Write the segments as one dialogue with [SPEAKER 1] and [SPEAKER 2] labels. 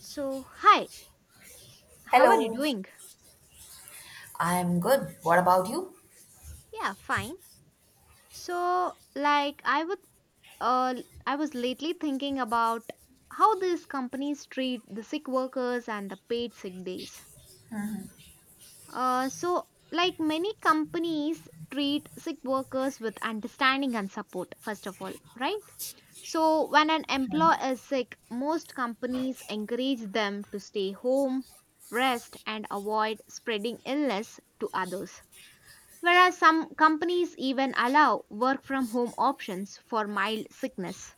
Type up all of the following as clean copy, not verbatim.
[SPEAKER 1] So, hi, how are you
[SPEAKER 2] Hello,
[SPEAKER 1] doing?
[SPEAKER 2] I'm good. What about you?
[SPEAKER 1] Yeah, fine. So, like I would uh I was lately thinking about how these companies treat the sick workers and the paid sick days. So, like, many companies treat sick workers with understanding and support first of all, right? So, when an employee is sick, most companies encourage them to stay home, rest and avoid spreading illness to others, whereas some companies even allow work from home options for mild sickness.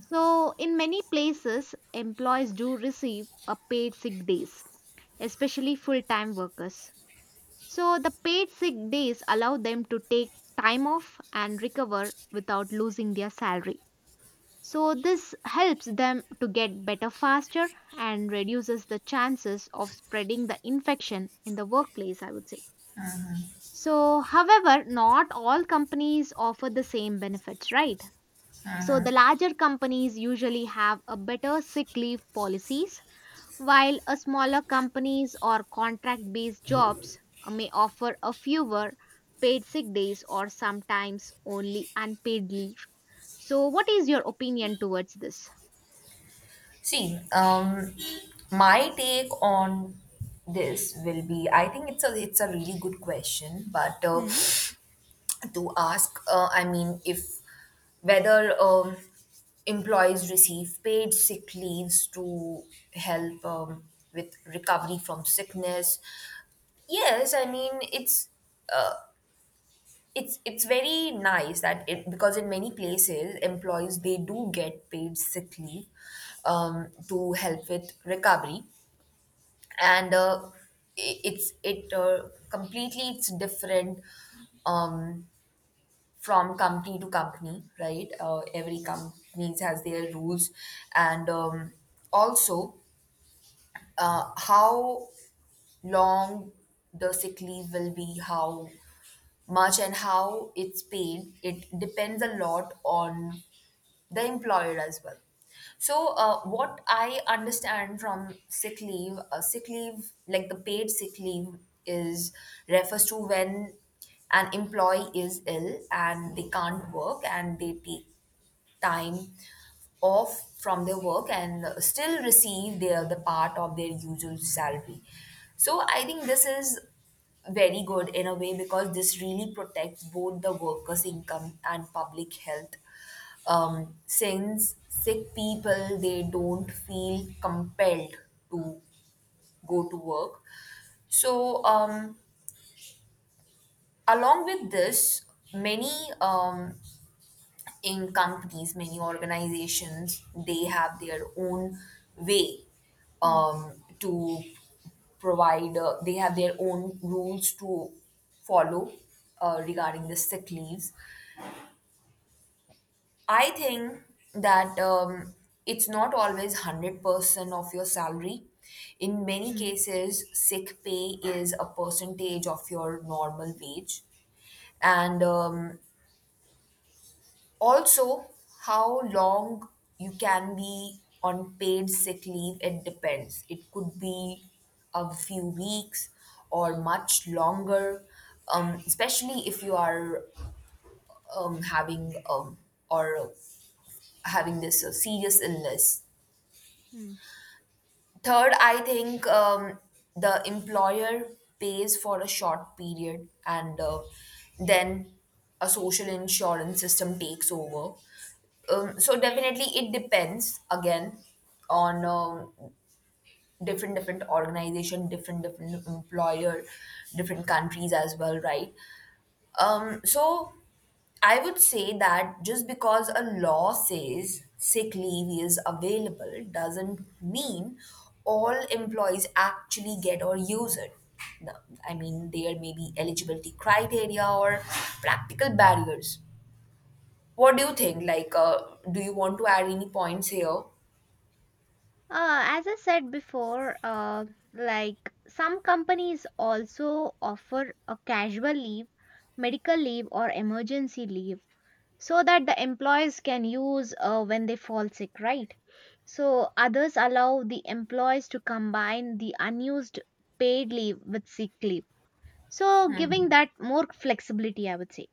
[SPEAKER 1] So, in many places, employees do receive a paid sick days, especially full time workers. So, the paid sick days allow them to take time off and recover without losing their salary. So, this helps them to get better faster and reduces the chances of spreading the infection in the workplace, I would say. So, however, not all companies offer the same benefits, right? So, the larger companies usually have a better sick leave policies, while a smaller companies or contract based jobs may offer a fewer paid sick days or sometimes only unpaid leave. So, what is your opinion towards this?
[SPEAKER 2] See, my take on this will be I think it's a really good question, but
[SPEAKER 1] Hmm.
[SPEAKER 2] to ask, I mean, if whether employees receive paid sick leaves to help with recovery from sickness, yes, I mean it's. uh, It's it's very nice that it because in many places employees they do get paid sick leave to help with recovery and I- it's it completely it's different um, from company to company, right. Every company has their rules and also how long the sick leave will be, how much and how it's paid. It depends a lot on the employer as well. So, what I understand from sick leave, like the paid sick leave, is refers to when an employee is ill and they can't work and they take time off from their work and still receive their the part of their usual salary. So I think this is very good in a way, because this really protects both the workers income and public health, since sick people they don't feel compelled to go to work. So along with this, many um, in companies, many organizations, they have their own way
[SPEAKER 1] Hmm,
[SPEAKER 2] to provide, they have their own rules to follow regarding the sick leaves. I think that it's not always 100% of your salary. In many
[SPEAKER 1] hmm,
[SPEAKER 2] cases, sick pay is a percentage of your normal wage, and also, how long you can be on paid sick leave, it depends. It could be a few weeks or much longer, especially if you are um, having um, or having this serious illness.
[SPEAKER 1] hmm.
[SPEAKER 2] Third, I think the employer pays for a short period, and then a social insurance system takes over. So definitely it depends again on different different organization, different different employer, different countries as well, right? So I would say that just because a law says sick leave is available doesn't mean all employees actually get or use it. No, I mean, there may be eligibility criteria or practical barriers. What do you think? Like, do you want to add any points here?
[SPEAKER 1] As I said before, like some companies also offer a casual leave, medical leave, or emergency leave so that the employees can use when they fall sick, right? So others allow the employees to combine the unused paid leave with sick leave. So giving that more flexibility, I would say.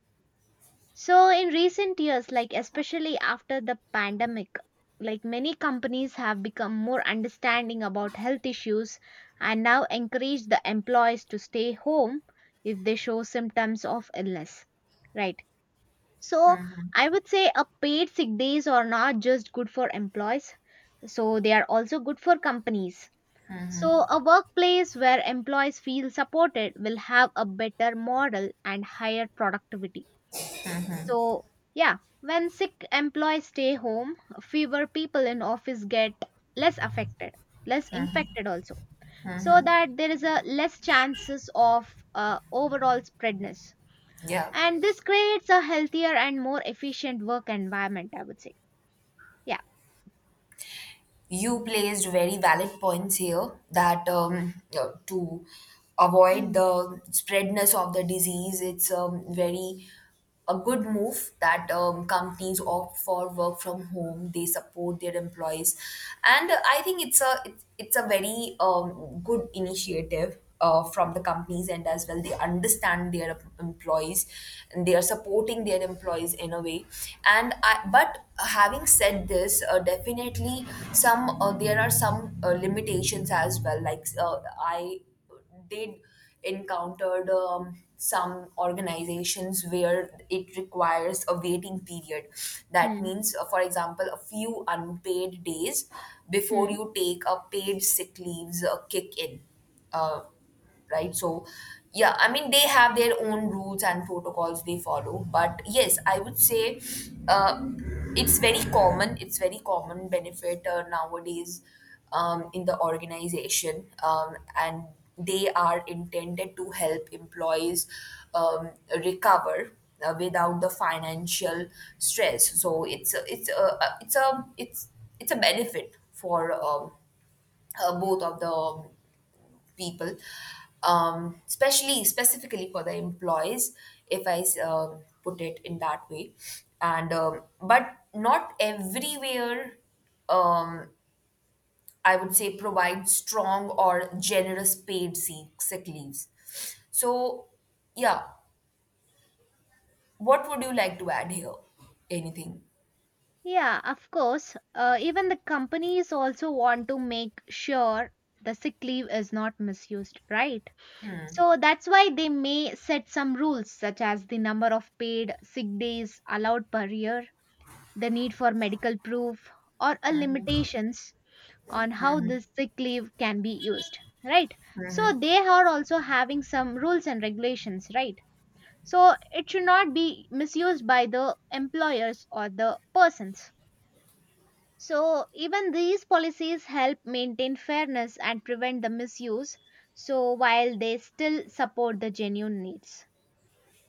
[SPEAKER 1] So, in recent years, like especially after the pandemic, like many companies have become more understanding about health issues and now encourage the employees to stay home if they show symptoms of illness. Right. So, I would say a paid sick days are not just good for employees, so they are also good for companies. So, a workplace where employees feel supported will have a better model and higher productivity. So, yeah, when sick employees stay home, fewer people in office get less affected, less infected also. So that there is a less chances of overall spreadness.
[SPEAKER 2] Yeah.
[SPEAKER 1] And this creates a healthier and more efficient work environment, I would say. Yeah.
[SPEAKER 2] You placed very valid points here, that to avoid
[SPEAKER 1] Mm.
[SPEAKER 2] the spreadness of the disease, it's very a good move that companies opt for work from home, they support their employees. And I think it's a very good initiative from the companies end as well. They understand their employees and they are supporting their employees in a way. And I, but having said this, definitely some there are some limitations as well. Like I did encountered some organizations where it requires a waiting period. That
[SPEAKER 1] Hmm.
[SPEAKER 2] means, for example, a few unpaid days before
[SPEAKER 1] Hmm.
[SPEAKER 2] you take a paid sick leaves kick in, uh, right? So, yeah, I mean, they have their own rules and protocols they follow. But yes, I would say uh, it's very common. It's very common benefit nowadays in the organization, and they are intended to help employees um, recover, without the financial stress. So it's a, it's a, it's a it's it's a benefit for both of the people, especially specifically for the employees, if I put it in that way. And but not everywhere, um, I would say, provide strong or generous paid sick leaves. So, yeah, what would you like to add here? Anything?
[SPEAKER 1] Yeah, of course. Even the companies also want to make sure the sick leave is not misused, right? So that's why they may set some rules such as the number of paid sick days allowed per year, the need for medical proof, or a limitations on how this sick leave can be used, right? So they are also having some rules and regulations, right? So it should not be misused by the employers or the persons. So even these policies help maintain fairness and prevent the misuse, so while they still support the genuine needs.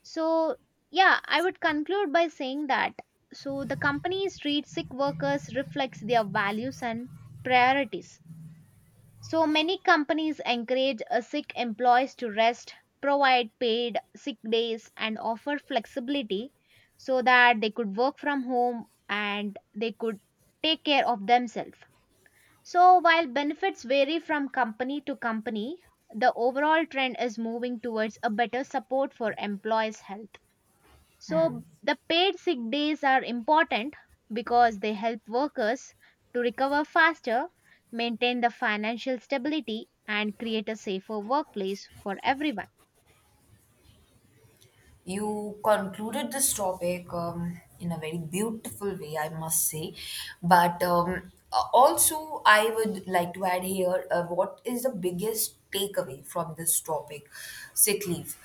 [SPEAKER 1] So, yeah, I would conclude by saying that so the companies treat sick workers reflects their values and priorities. So many companies encourage sick employees to rest, provide paid sick days and offer flexibility so that they could work from home and they could take care of themselves. So while benefits vary from company to company, the overall trend is moving towards a better support for employees' health. So, the paid sick days are important because they help workers to recover faster, maintain the financial stability, and create a safer workplace for everyone.
[SPEAKER 2] You concluded this topic in a very beautiful way, I must say. But also, I would like to add here what is the biggest takeaway from this topic, sick leave.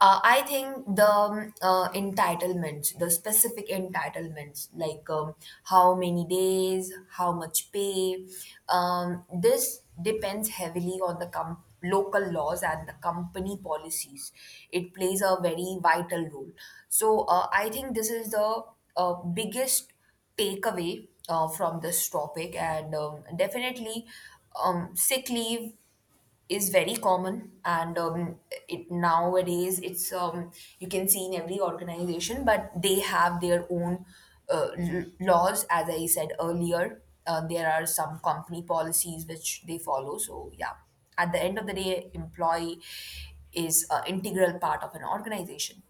[SPEAKER 2] I think the entitlements, the specific entitlements, like how many days, how much pay, this depends heavily on the company local laws and the company policies. It plays a very vital role. So I think this is the biggest takeaway from this topic, and definitely sick leave is very common, and it nowadays it's you can see in every organization, but they have their own laws. As I said earlier, there are some company policies which they follow. So yeah, at the end of the day, employee is an integral part of an organization.